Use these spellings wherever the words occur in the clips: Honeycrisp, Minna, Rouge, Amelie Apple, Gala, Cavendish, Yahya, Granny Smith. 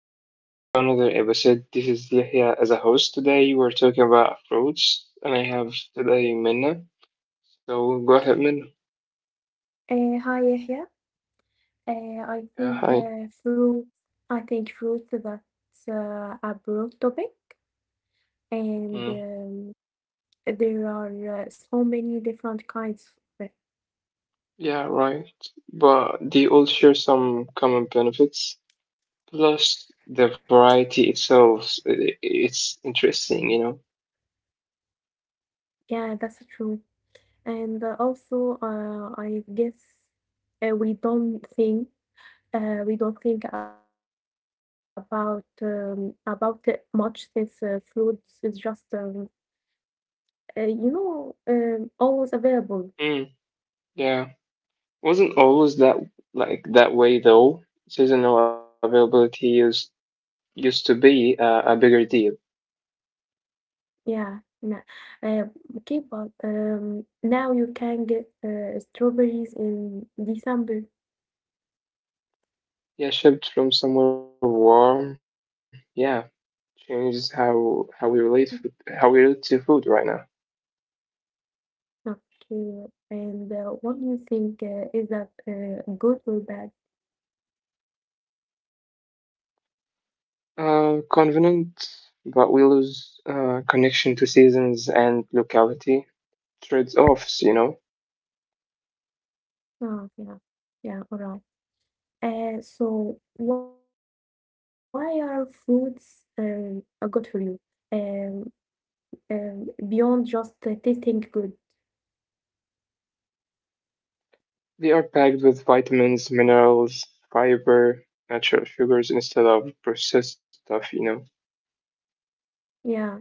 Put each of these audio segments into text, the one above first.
welcome back to another episode. This is Yahya as a host. Today we're talking about fruits, and I have today Minna. So go ahead, Minna. Hi Yahya. I Yeah, think hi. Fruit. I think fruit that's a broad topic, and Mm, there are so many different kinds of it. yeah, right. But they all share some common benefits. Plus, the variety itself, it's interesting, you know. Yeah, that's true. And also, I guess uh, we don't think we don't think about it much since fruits is just always available. Mm, yeah, wasn't always that way though. Seasonal availability used to be a bigger deal. Yeah, no. Uh, okay, but now you can get strawberries in December. Yeah, shipped from somewhere warm. Yeah, changes how we Mm. relate food, how we relate to food right now. Okay, and what do you think? Is that good or bad? Convenient, but we lose connection to seasons and locality. Trade-offs, you know. Oh, yeah, yeah, all right. So why are fruits good for you? Um, Beyond just tasting good. They are packed with vitamins, minerals, fiber, natural sugars instead of processed stuff. Yeah, yeah.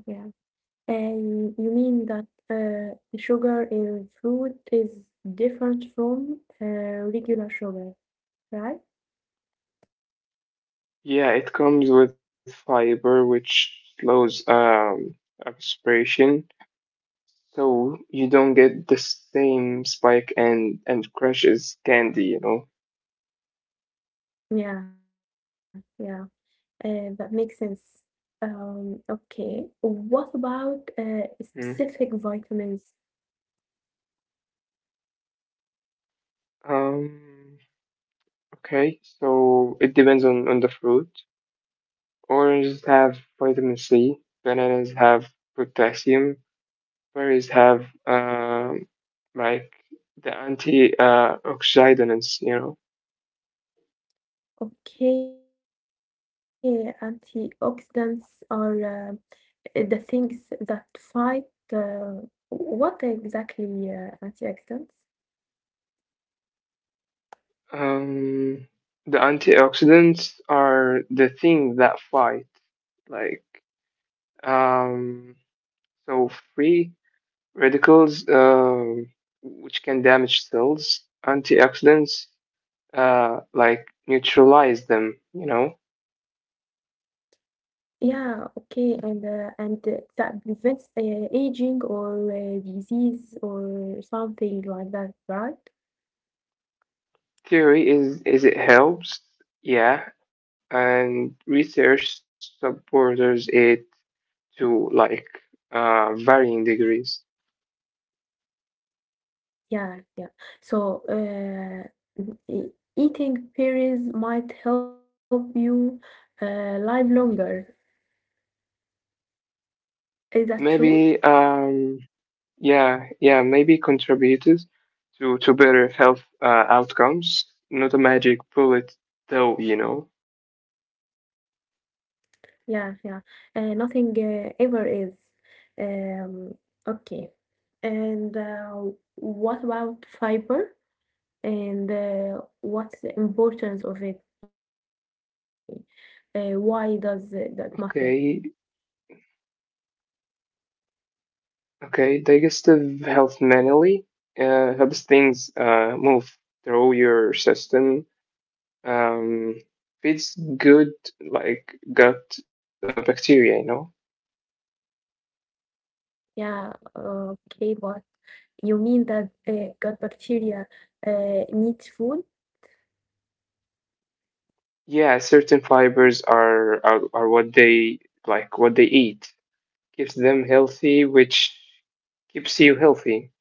And you mean that the sugar in fruit is different from regular sugar, right? Yeah, it comes with fiber, which slows absorption. So you don't get the same spike and crashes candy. Yeah, yeah, that makes sense. Okay, what about Mm. Specific vitamins? Um, okay, so it depends on the fruit. Oranges have vitamin C, bananas have potassium, berries have like the anti oxidants, you know. Okay, antioxidants are the things that fight. Uh, what exactly antioxidants? Um, the antioxidants are the thing that fight like um So free radicals, which can damage cells, antioxidants, like neutralize them, you know. Yeah, okay, and that prevents aging or disease or something like that, right? Theory is it helps, yeah, and research supporters it to varying degrees. Yeah, yeah. So, e- eating berries might help you live longer. Maybe, Is that true? yeah, yeah, maybe contributed to better health outcomes. Not a magic bullet, though, you know. Yeah, yeah. Nothing ever is. Um, okay. And what about fiber? And what's the importance of it really, that Okay. matter? Okay, digestive health manually helps things move through your system. Um, Feeds good like gut bacteria, you know. Yeah, okay, but you mean that gut bacteria needs food? Yeah, certain fibers are what they like what they eat, keeps them healthy, which keeps you healthy.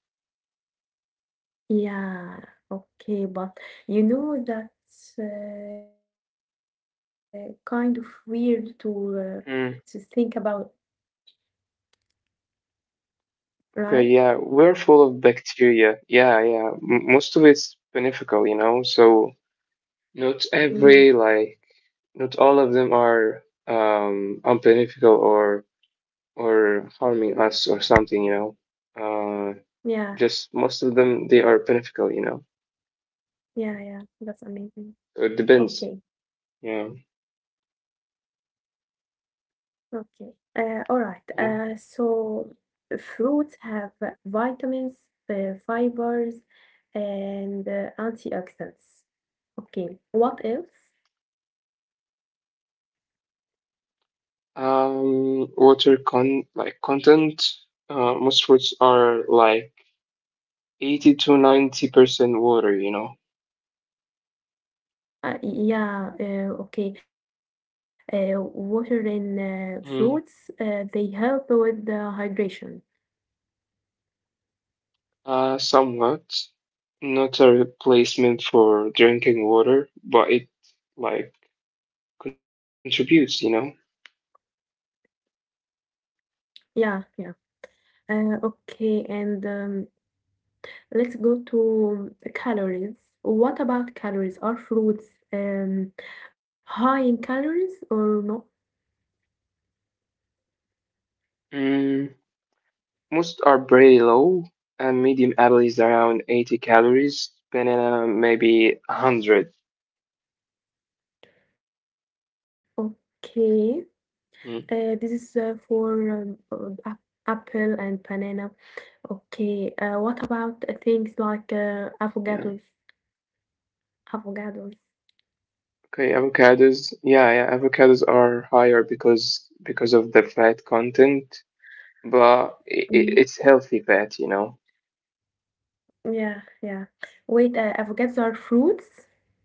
Yeah, okay, but you know that's kind of weird to Mm, think about, okay, yeah, right? we're full of bacteria. Yeah, yeah, most of it's beneficial, you know. So Not every Hmm. like not all of them are unbeneficial or harming us or something, you know. Uh Yeah, just most of them they are beneficial, you know. yeah, yeah, that's So amazing. it depends. Okay. Yeah. Okay. All right. Yeah. So fruits have vitamins, fibers, and antioxidants. Okay. What else? Water content. Most fruits are like 80 to 90% water, you know. Yeah. Okay. Water in fruits. Mm. They help with the hydration. Somewhat. Not a replacement for drinking water, but it like contributes, you know. Yeah. Yeah. Okay. And let's go to calories. What about calories? Are fruits um, high in calories or not? Mm, most are pretty low, and medium apple is around 80 calories, banana maybe 100. Mm, Okay, this is for um, uh, ap- apple and banana. Okay, what about things like yeah. Avocados? Avocados. Okay, avocados. Yeah, yeah, avocados are higher because of the fat content, but Mm, it's healthy fat, you know. yeah, yeah. Wait, avocados are fruits?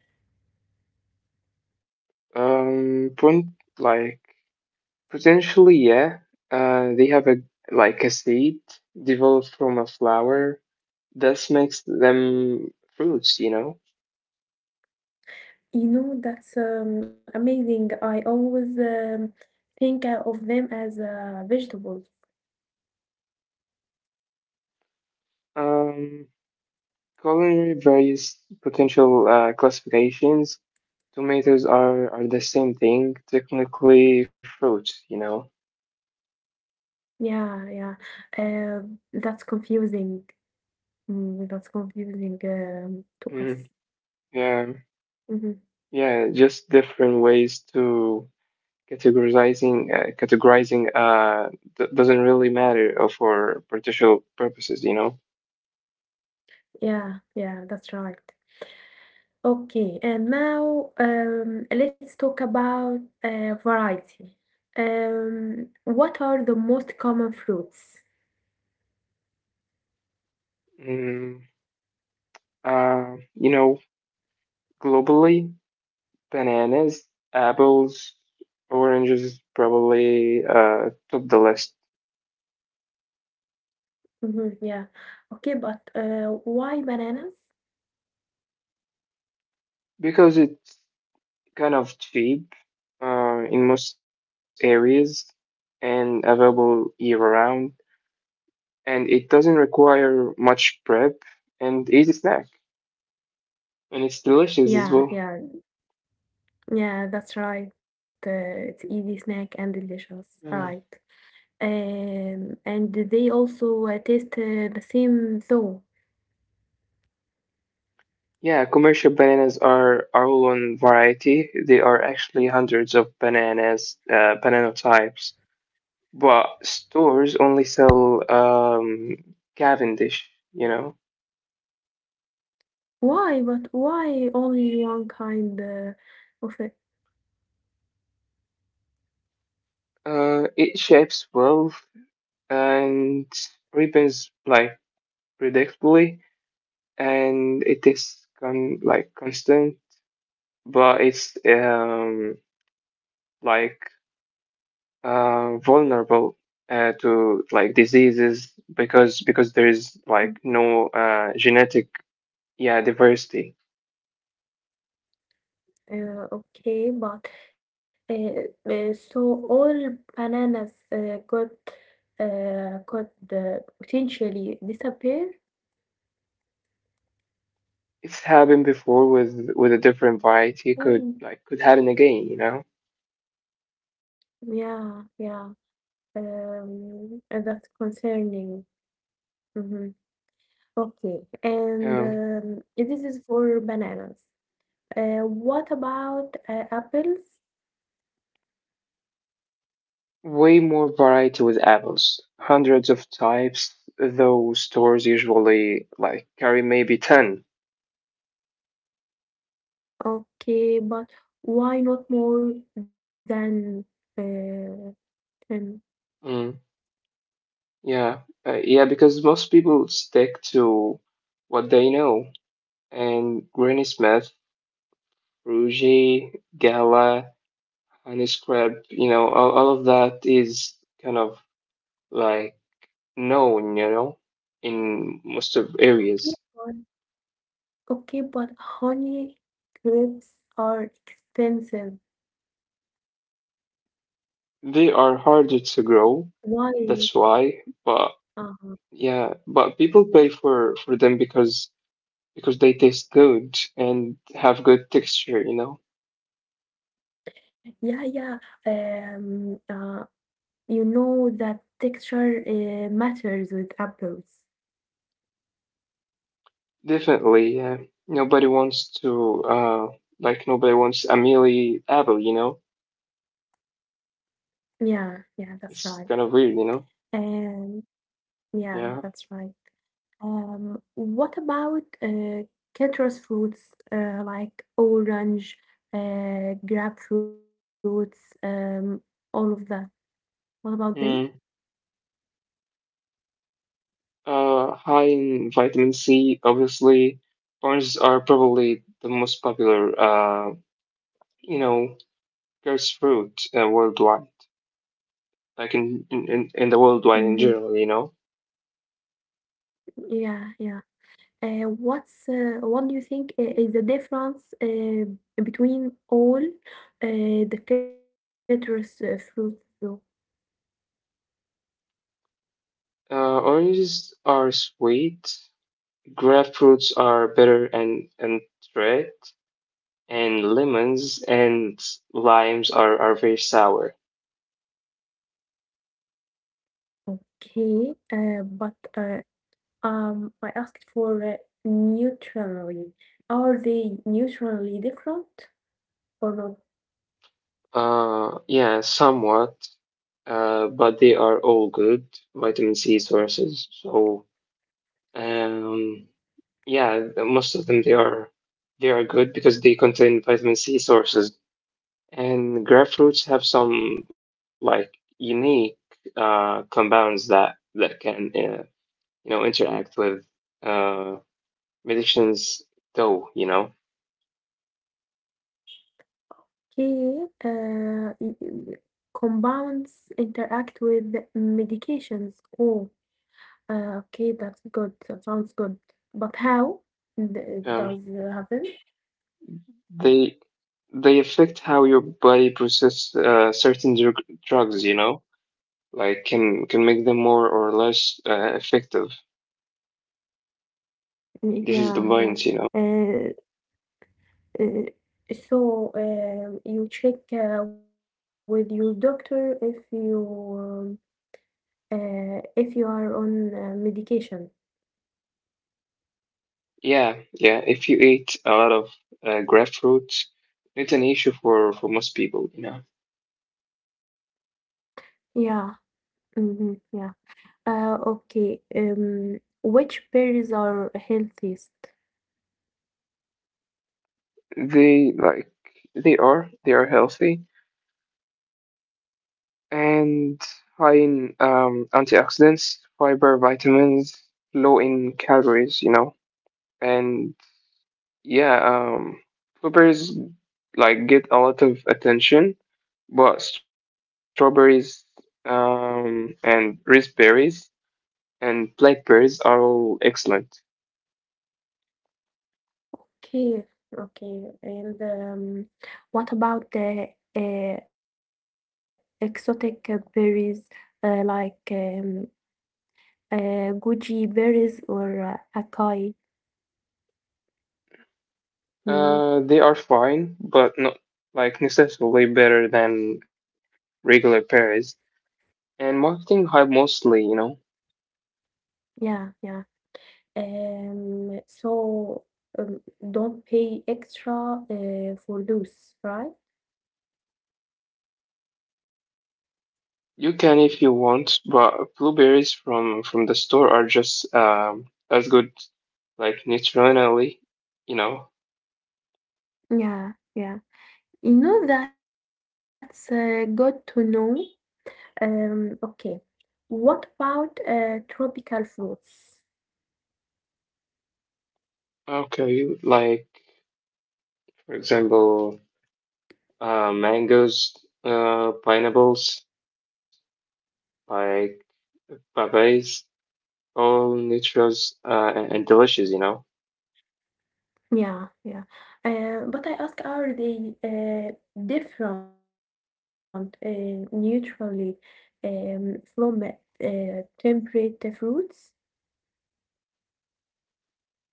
Pun like Potentially, yeah. They have a seed developed from a flower. This makes them fruits, you know. You know, that's amazing. I always think of them as vegetables. Um, Culinary varies potential classifications. Tomatoes are the same thing, technically fruits, you know. Yeah, yeah. That's confusing. Mm, that's confusing to Mm, us. yeah, Hmm. yeah, just different ways to categorizing doesn't really matter for partial purposes, you know. Yeah, yeah, that's right. Okay, and now let's talk about variety. What are the most common fruits? Mm, you know, globally, bananas, apples, oranges probably top the list Hmm, yeah. Okay, but why bananas? because it's kind of cheap in most areas and available year round. And it doesn't require much prep, and easy snack. And it's delicious as Yeah, well. yeah, yeah, that's right. It's easy snack and Yeah. delicious. All right. And they also taste the same though. Yeah, commercial bananas are all on variety. There are actually hundreds of bananas, banana types. But stores only sell Cavendish, you know. Why? But why only one kind of it? It shapes well and ribbons predictably, and it is constant, but it's like vulnerable, to like diseases, because there is like no genetic yeah diversity. Okay, but uh, so all bananas could potentially disappear? It's happened before with a different variety, could Mm, like could happen again, you know. yeah, yeah. That's concerning. Hmm. Okay, um and this is for bananas. What about apples? Way more variety with apples, hundreds of types though stores usually like carry maybe 10. Okay, but why not more than uh, 10? Mm. Yeah, yeah, because most people stick to what they know. And Granny Smith, Rouge, Gala, Honeycrisp, you know, all of that is kind of like known, you know, in most of Okay, areas. but okay, but honey grapes are expensive. They are harder to grow, Why? that's why. But Uh-huh. yeah, but people pay for them because they taste good and have good texture, you know. Yeah, yeah. Um, uh, you know that texture matters with apples. Definitely, yeah. Nobody wants to, like, nobody wants Amelie Apple, you know? Yeah, yeah, that's It's right. kind of weird, you know? And yeah, Yeah. that's right. What about citrus fruits like orange, grapefruits, all of that? What about them? Mm. High in vitamin C, obviously. Oranges are probably the most popular, you know, cursed fruit worldwide, like in the worldwide in Hmm. general, you know? Yeah, yeah. What do you think is the difference between all the citrus fruits? Oranges are sweet, grapefruits are bitter and red, and lemons and limes are very sour. Okay, but I asked for neutrally. Are they neutrally different or not? Yeah, somewhat, but they are all good vitamin C sources. So, um, yeah, the- most of them they are good because they contain vitamin C sources. And grapefruits have some unique compounds that that can you know interact with uh, medicines, though you know. Okay, compounds interact with medications. Oh, okay, that's good. That sounds good. But how Um, does it happen? they they affect how your body processes certain drugs, you know, like can make them more or less effective. This is the Yeah, point, you yeah. know. Uh, uh, so you check with your doctor if you are on medication. Yeah, yeah. If you eat a lot of grapefruit, it's an issue for most people, you know. Yeah. Mm-hmm. Yeah. Okay. Which berries are healthiest? They like they are healthy, and high in antioxidants, fiber, vitamins, low in calories, you know. And yeah, blueberries like get a lot of attention, but strawberries and raspberries and blackberries are all excellent. Okay. Okay. And what about the uh, exotic berries like goji berries or acai? Mm, They are fine, but not like necessarily better than regular berries. And marketing hype mostly, you know. yeah, yeah. So um, don't pay extra for those, right? You can if you want, but blueberries from the store are just as good, like nutritionally, you know. Yeah, yeah. You know, that's good to know. Okay. What about tropical fruits? Okay, like for example, mangoes, pineapples, like papayas, all nutritious and delicious, you know. Yeah, yeah. But I ask, are they different neutrally from temperate fruits?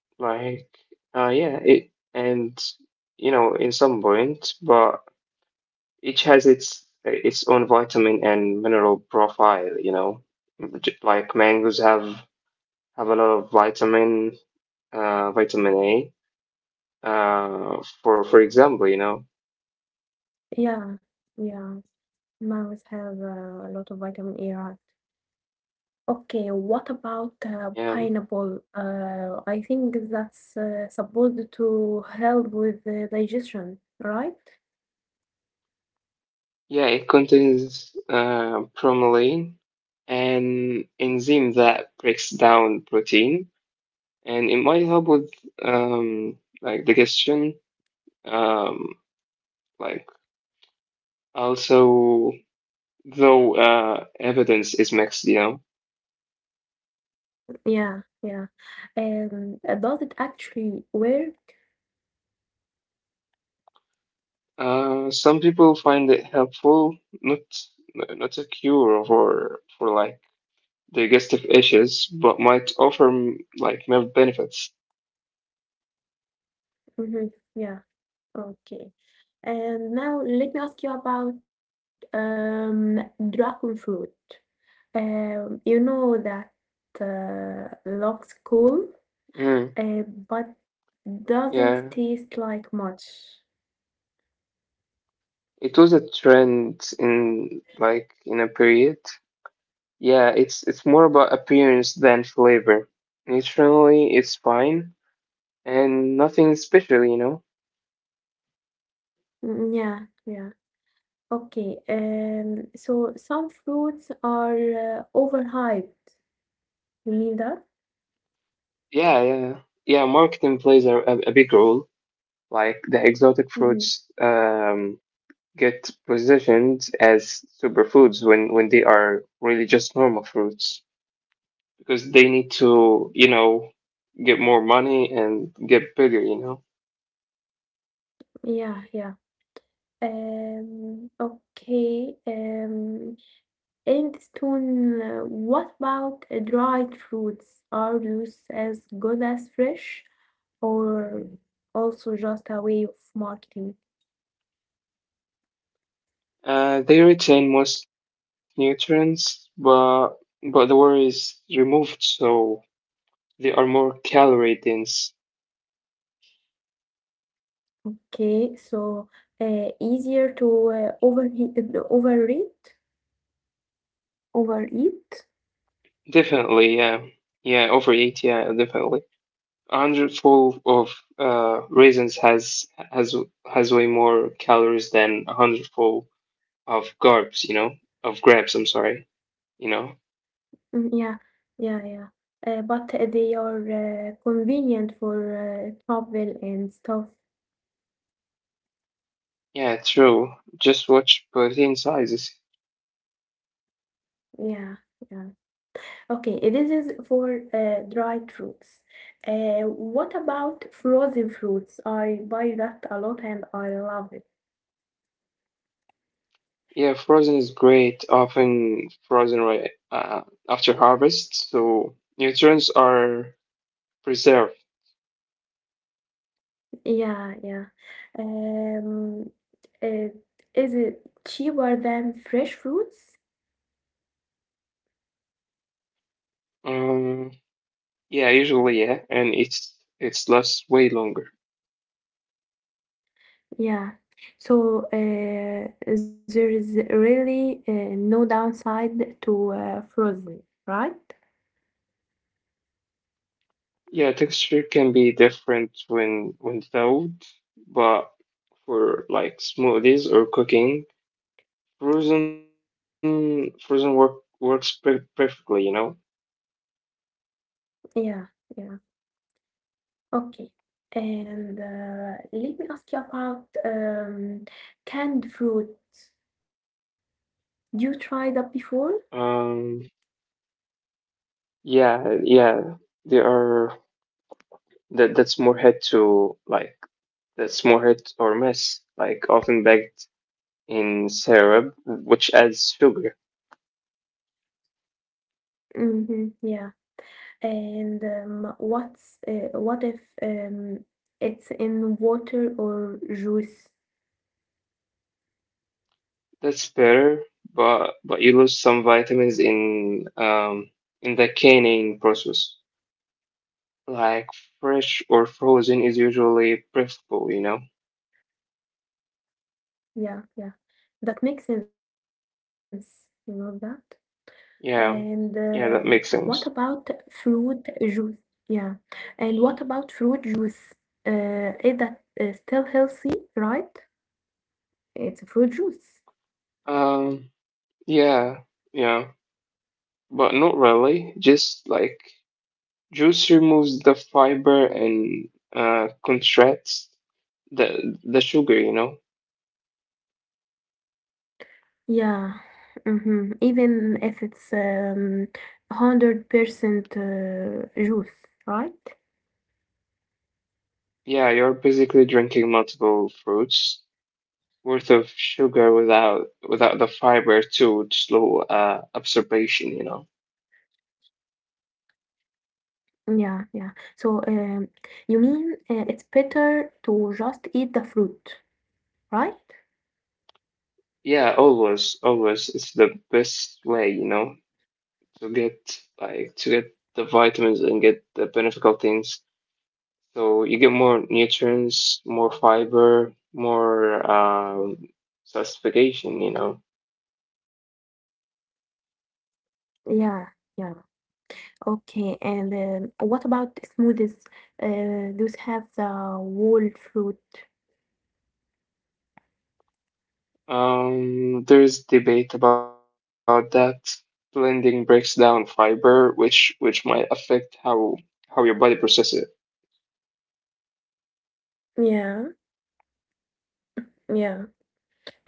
Like, yeah, it and you know in some point, but each has its own vitamin and mineral profile, you know. Like mangoes have a lot of vitamin uh vitamin a, for example, you know. Yeah, yeah. Mangoes have a lot of vitamin A, right? Okay, what about Yeah, pineapple? I think that's supposed to help with the digestion, right? yeah, it contains bromelain, an enzyme that breaks down protein, and it might help with digestion, um like also, though evidence is mixed, you know. Yeah, yeah. And does it actually work? Some people find it helpful, not not a cure for digestive issues, but might offer mm, like health benefits. Mm-hmm. Yeah, okay. And now let me ask you about dragon fruit. You know that looks cool, Mm, Uh, but doesn't yeah, taste like much. it was a trend in a period. Yeah, it's more about appearance than flavor. Nutritionally, it's fine and nothing special, you know. Mm. Yeah, yeah. Okay. So some fruits are overhyped. You mean that? Yeah, yeah, yeah. Marketing plays a big role, like the exotic fruits. Hmm. Get positioned as superfoods when they are really just normal fruits, because they need to you know get more money and get bigger, you know. Yeah, yeah. Okay. What about dried fruits? Are those as good as fresh, or also just a way of marketing? Uh, they retain most nutrients, but the water is removed, so they are more calorie dense. Okay, so easier to overeat, overeat. Definitely yeah, yeah overeat yeah definitely. A hundredfold of raisins has has way more calories than a hundredfold of garbs, you know, of grabs, I'm sorry, you know. Mm, yeah, yeah, yeah. But they are convenient for travel and stuff. Yeah, true. Just watch protein sizes. Yeah, yeah. Okay, this is for dried fruits. What about frozen fruits? I buy that a lot and I love it. Yeah, frozen is great, often frozen right after harvest, so nutrients are preserved. Yeah, yeah. Um, uh, is it cheaper than fresh fruits? Um, yeah, usually, yeah, and it's lasts way longer. Yeah. So there is really no downside to frozen, right? Yeah, texture can be different when thawed, but for like smoothies or cooking, frozen works perfectly, you know. Yeah, yeah. Okay. And let me ask you about canned fruit. You tried that before? Um, yeah, yeah. There are that that's more hit to like that's more hit or miss, like often baked in syrup, which adds sugar. Mm-hmm. Yeah. And what if it's in water or juice? That's better, but you lose some vitamins in the canning process. Like fresh or frozen is usually preferable, you know? Yeah, yeah. That makes sense. You know that? And, Yeah, yeah, what that makes about sense. fruit juice? Yeah. And what about fruit juice? Is that still healthy, right? It's a fruit juice. Um, yeah, yeah, but not really. Just like juice removes the fiber and contracts the sugar, you know? Yeah. Mm-hmm. Even if it's 100% juice, right? Yeah, you're basically drinking multiple fruits worth of sugar without the fiber to slow absorption, you know? Yeah, yeah. So, you mean it's better to just eat the fruit, right? Yeah, always, always. It's the best way, you know, to get like to get the vitamins and get the beneficial things. So you get more nutrients, more fiber, more satisfaction, you know. Yeah, yeah. Okay, and what about smoothies? Those have the whole fruit. There's debate about that. Blending breaks down fiber, which might affect how your body processes it. Yeah, yeah.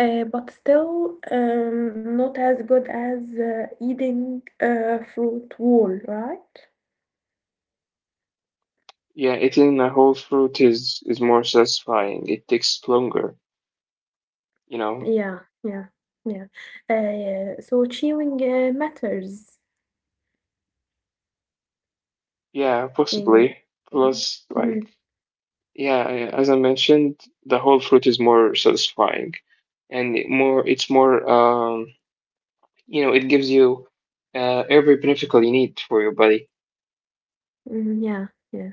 But still, not as good as eating fruit whole, right? Yeah, eating a whole fruit is more satisfying. It takes longer, you know. Yeah, yeah, yeah. So chewing matters. Yeah, possibly. In, Plus, like, Mhm, yeah, as I mentioned, the whole fruit is more satisfying and it more. It's more. You know, it gives you every benefit you need for your body. mhm, yeah, yeah.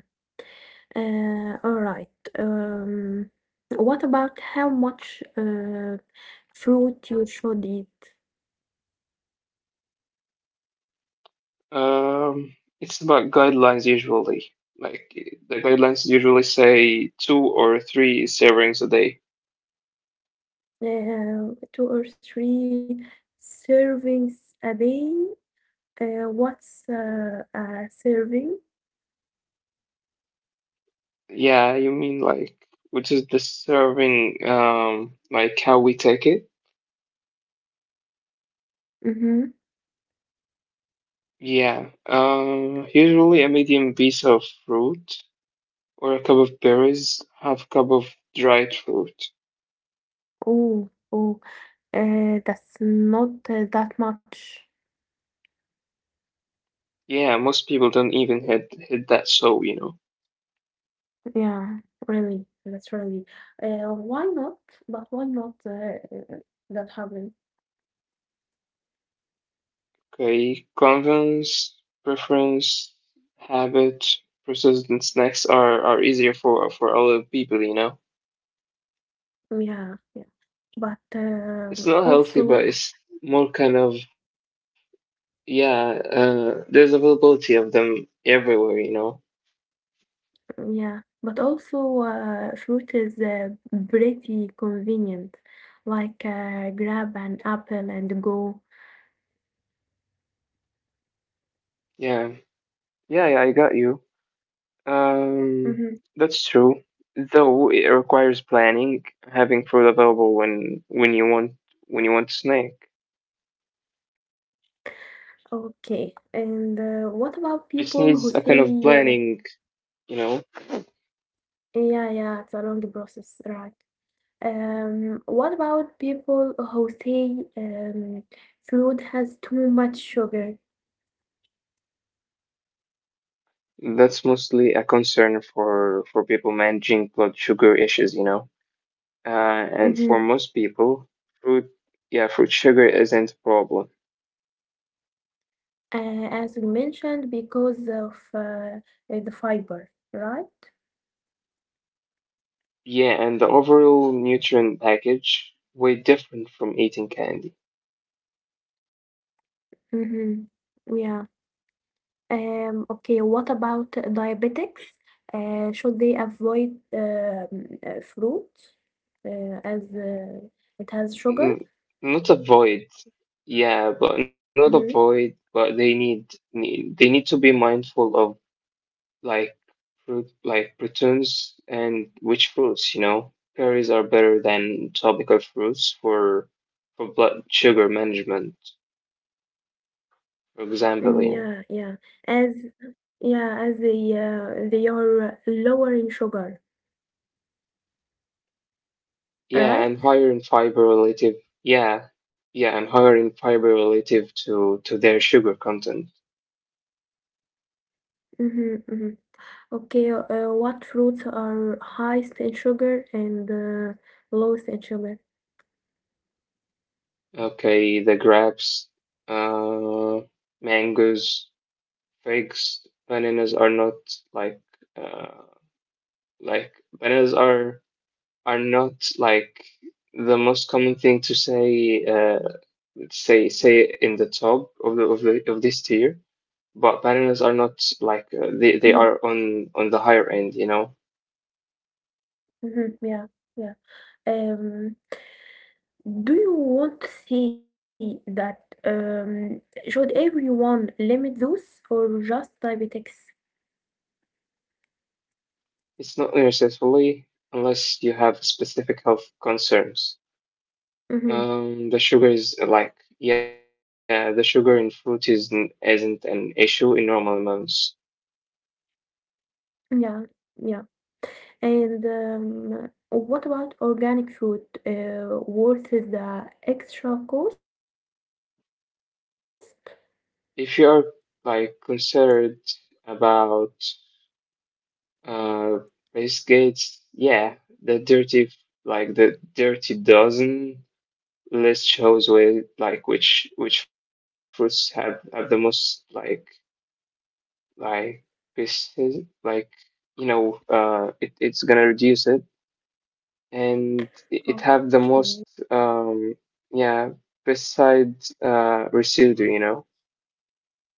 All right. Um, what about how much fruit you should eat? Um, it's about guidelines usually. Like the guidelines usually say two or three servings a day. Two or three servings a day. What's a serving? Yeah, you mean like which is the serving, like how we take it? Mm-hmm. Yeah. Usually a medium piece of fruit or a cup of berries, half cup of dried fruit. Oh, oh. That's not that much. Yeah, most people don't even hit that so, you know. Yeah, really. That's really. Why not? But why not? That happen? Okay, convenience, preference, habit, processed and snacks are easier for other people, you know. Yeah, yeah. But It's not healthy, but also. it's more kind of yeah. There's availability of them everywhere, you know. Yeah, but also fruit is pretty convenient, like grab an apple and go. Yeah, yeah, yeah. I got you. Um, Hmm. that's true. Though it requires planning, having food available when you want when you want to snack. Okay, and what It about needs a kind people who of say, planning, you know. yeah, yeah, it's a long process, right? What about people who say fruit has too much sugar? That's mostly a concern for people managing blood sugar issues, you know. Uh, and for Hmm. most people, fruit, yeah, fruit sugar isn't a problem. As we mentioned, because of the fiber, right? Yeah, and the overall nutrient package way different from eating candy. Mm-hmm. Yeah. Okay, what about diabetics? Should they avoid fruit as it has N- sugar? Not avoid, yeah, but not avoid, Mm-hmm. but need they need to be mindful of like fruit like prunes and which fruits, you know? Berries are better than tropical fruits for blood sugar management, Mm, for yeah, example, you yeah. know. As Yeah, as they are lower in sugar, Yeah, and right? higher in fiber relative, yeah. Yeah, and higher in fiber relative to their sugar content. Mm-hmm, mm-hmm. Okay, what fruits are highest in sugar and lowest in sugar? Okay, the grapes, uh, mangoes, figs, bananas are not like uh, like bananas are not like the most common thing to say say in the top of the, of the of this tier, but bananas are not like Mhm, they are on the higher end, you know. mhm, yeah, yeah. Um, do you want to say that should everyone limit those or just diabetics? It's not necessarily, unless you have specific health concerns. Um, Mm-hmm. the sugar is like yeah the sugar in fruit isn't an issue in normal amounts. Yeah, yeah. And what about organic food? Worth the extra cost? If you are like concerned about, Uh, Face Gates, yeah, the dirty, like the dirty dozen list shows with like which fruits have the most like pieces, like you know, it's gonna reduce it, and it have the Okay. most yeah, besides residue, you know.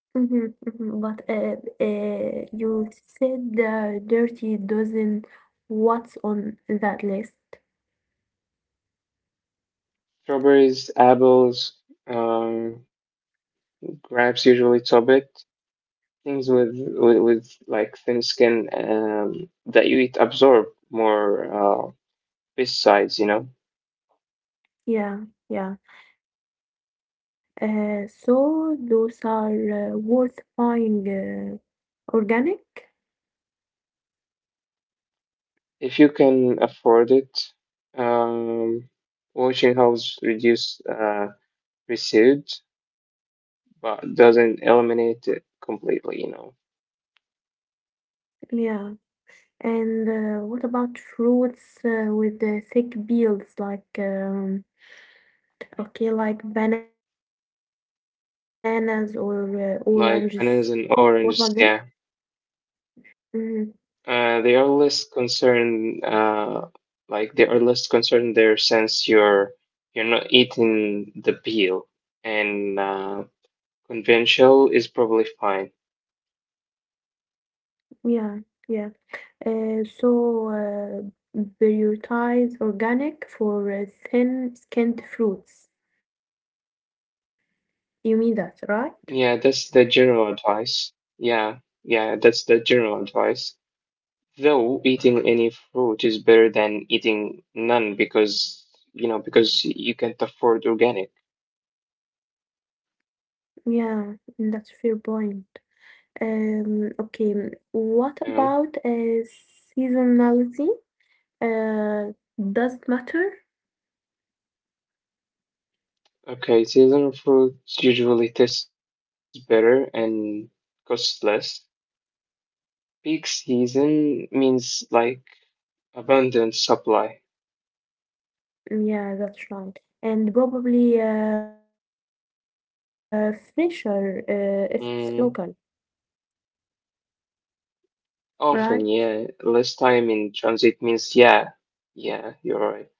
Mm-hmm, mm-hmm. But you said the dirty dozen. What's on that list? Strawberries, apples, um, grapes usually top it, things with like thin skin that you eat absorb more uh, pesticides. You know, Yeah, yeah. So those are worth buying organic. if you can afford it, um, washing helps reduce residue, but doesn't eliminate it completely. You know, Yeah. And what about fruits with the thick peels like okay, like bananas or oranges? What about like them? bananas and oranges, yeah, Mm, they are less concerned. Like they are less concerned there since you're not eating the peel, and conventional is probably fine. yeah, yeah. So prioritize organic for thin-skinned fruits. You mean that, right? Yeah, that's the general advice. Yeah, yeah, that's the general advice. Though eating any fruit is better than eating none because, you know, because you can't afford organic. Yeah, that's fair point. Okay, what about Yeah. Seasonality? Uh, does it matter? Okay, seasonal fruits usually taste better and cost less. Peak season means like abundant supply. Yeah, that's right. And probably fresher if it's local, Mm, right? often, yeah. Less time in transit means, yeah, yeah, you're right.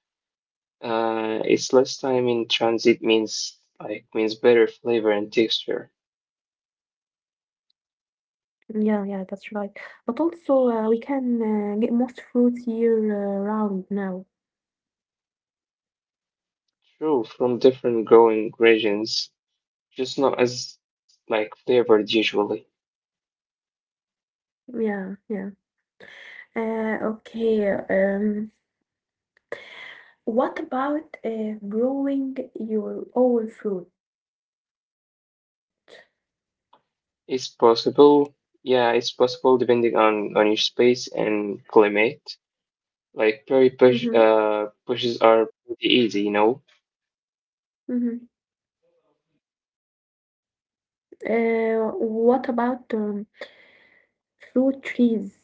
It's less time in transit means like means better flavor and texture. Yeah, yeah, that's right. But also, we can get most fruits year round now. True, from different growing regions, just not as like flavored usually. Yeah, yeah. Okay. What about growing your own fruit? It's possible, yeah, it's possible depending on your space and climate. Like berry bush, uh, Mm-hmm. bushes are pretty easy, you know. Mhm. What about fruit trees?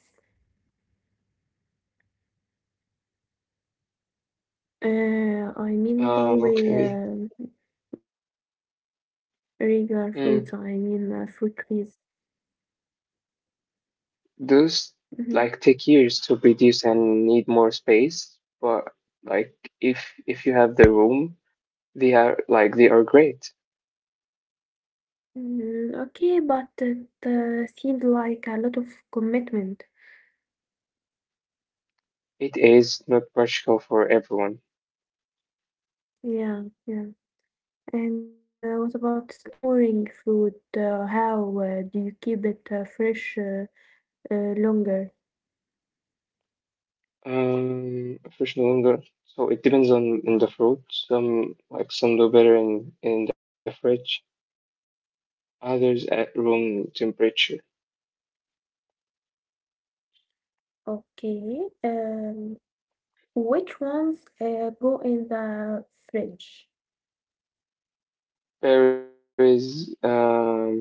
I mean not only Okay. Regular fruits, I mean fruit Mm. trees. Those Mhm. like take years to produce and need more space, but like if you have the room, they are like they are great. Mm, okay, but it seemed like a lot of commitment. It is not practical for everyone. Yeah, yeah. And what about storing fruit? How do you keep it fresh longer? Fresh longer. So it depends on the fruit. Some like some do better in the fridge. Others at room temperature. Okay. Which ones go in the fridge? Berries,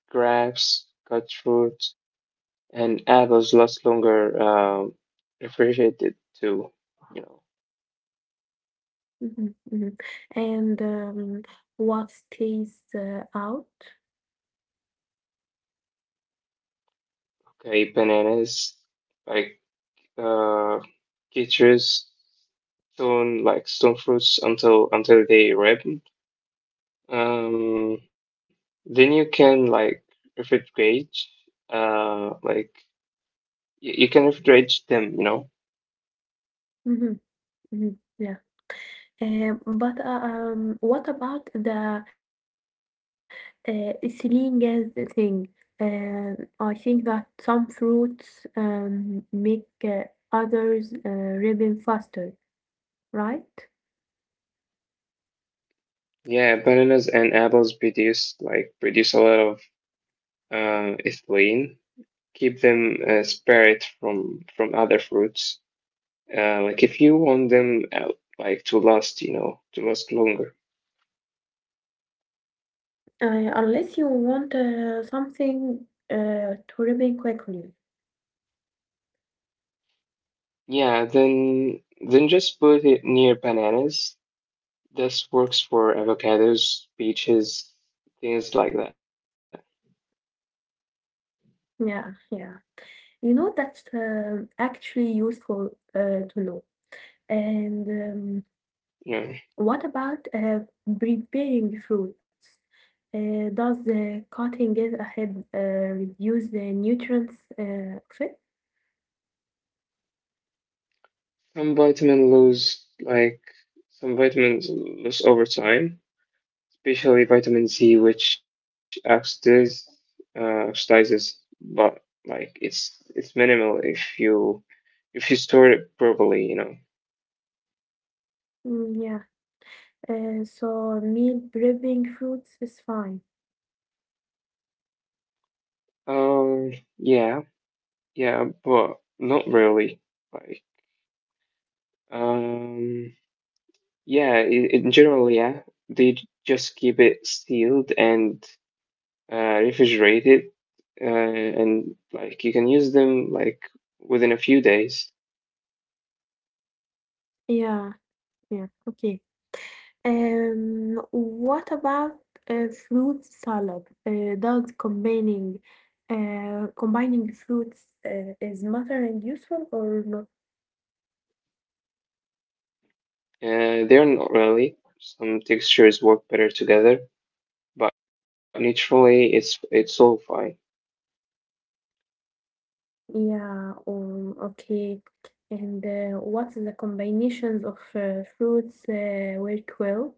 grapes, cut fruit, and apples last longer. Refrigerated too. You know. Mhm, mhm. And what stays out? Okay, bananas. Like uh, citrus, stone like stone fruits until they ripen. Um, then you can like refrigerate, like you can refrigerate them, you know. Mm-hmm, mm-hmm, yeah. But what about the saline gas thing? Uh, I think that some fruits make others ripen faster, right? Yeah, bananas and apples produce like produce a lot of ethylene. Keep them separate from other fruits. Like if you want them like to last, you know, to last longer. Unless you want something to remain quickly. Yeah, then just put it near bananas. This works for avocados, peaches, things like that. Yeah, yeah. You know, that's actually useful to know. And Yeah. what about preparing fruits? Does the cutting it ahead reduce the nutrients of it? Some vitamin lose like some vitamins lose over time, especially vitamin C, which oxidiz, oxidizes, but like it's minimal if you store it properly, you know. Mm, yeah. So meal prepping fruits is fine. Yeah, yeah, but not really. Like, um. Yeah, in general, yeah, they just keep it sealed and refrigerated, and like you can use them like within a few days. Yeah, yeah. Okay. What about fruit salad? Does combining fruits is and useful or not? They're not really. Some textures work better together, but naturally, it's all fine. Yeah, okay. And what's the combinations of fruits work well?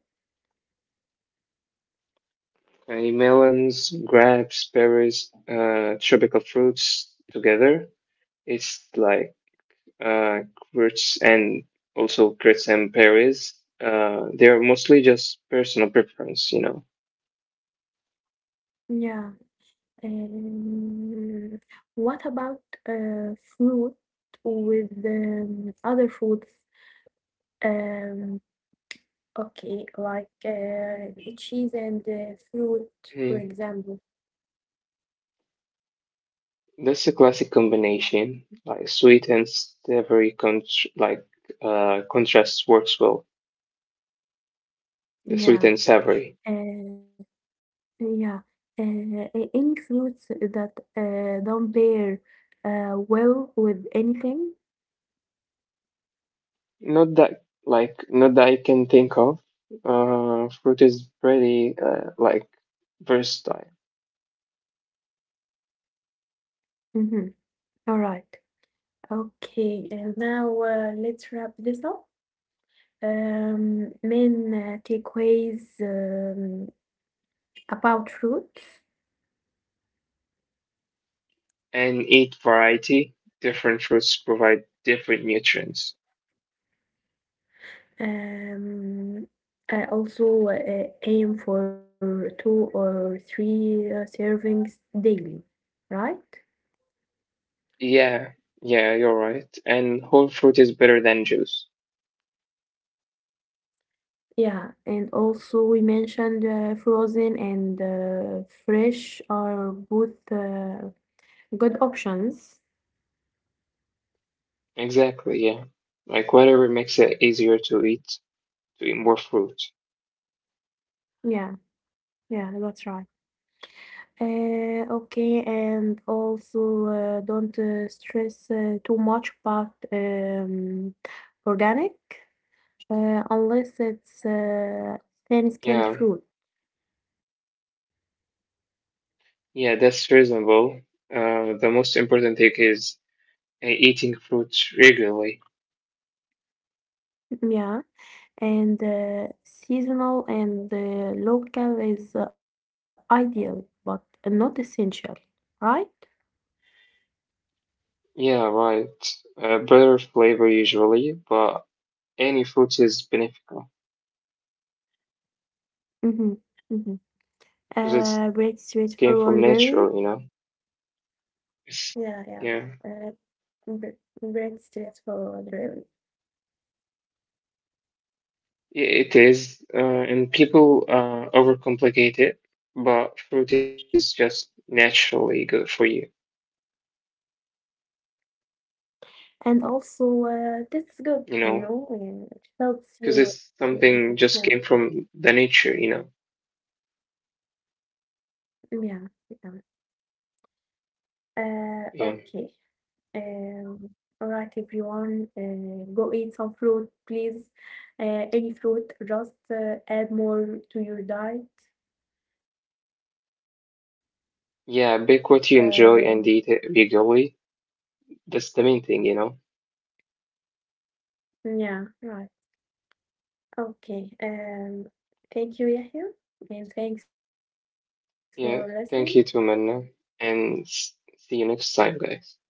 Melons, grapes, berries, tropical fruits together. It's like uh, Kurtz and also Kurtz and Paris. They're mostly just personal preference, you know. Yeah. Um, what about fruit with other foods? Um, Okay, like cheese and fruit, for Mm. example. That's a classic combination. Like sweet and savory, Con like contrast works well. The Yeah. sweet and savory. Uh, yeah. Any fruits that don't pair well with anything? Not that like not that I can think of. Fruit is pretty like versatile, Mm-hmm. All right. Okay, and now let's wrap this up. Main takeaways about fruits. and eat variety. Different fruits provide different nutrients. Um, I also aim for two or three servings daily, right? Yeah, yeah, you're right. And whole fruit is better than juice. Yeah, and also we mentioned frozen and fresh are both good options. Exactly, yeah. Like whatever makes it easier to eat more fruit. Yeah, yeah, that's right. Okay, and also don't stress too much about organic. Unless it's thin canned Yeah, fruit. yeah, that's reasonable. The most important thing is eating fruit regularly. Yeah, and seasonal and local is ideal, but not essential, right? Yeah, right. Better flavor usually, but any fruit is beneficial Mm-hmm. Mm-hmm. because it's Bread came from nature, straightforward, you know. really. It's- Yeah, Yeah. yeah. Uh, Bread straightforward, really. It is, and people overcomplicate it, but fruit is just naturally good for you, And also, that's good, you you know, know, and it helps you. because it's something Yeah, just came from the nature, you know. yeah, yeah. Yeah. Okay. Um, all right, everyone, go eat some fruit, please. Any fruit, just add more to your diet. Yeah, bake what you Um, enjoy and eat it regularly. That's the main thing, you know. yeah, right. Okay. Thank you, Yahya, and thanks for listening. Yeah, thank you too, Manna, and see you next time, guys.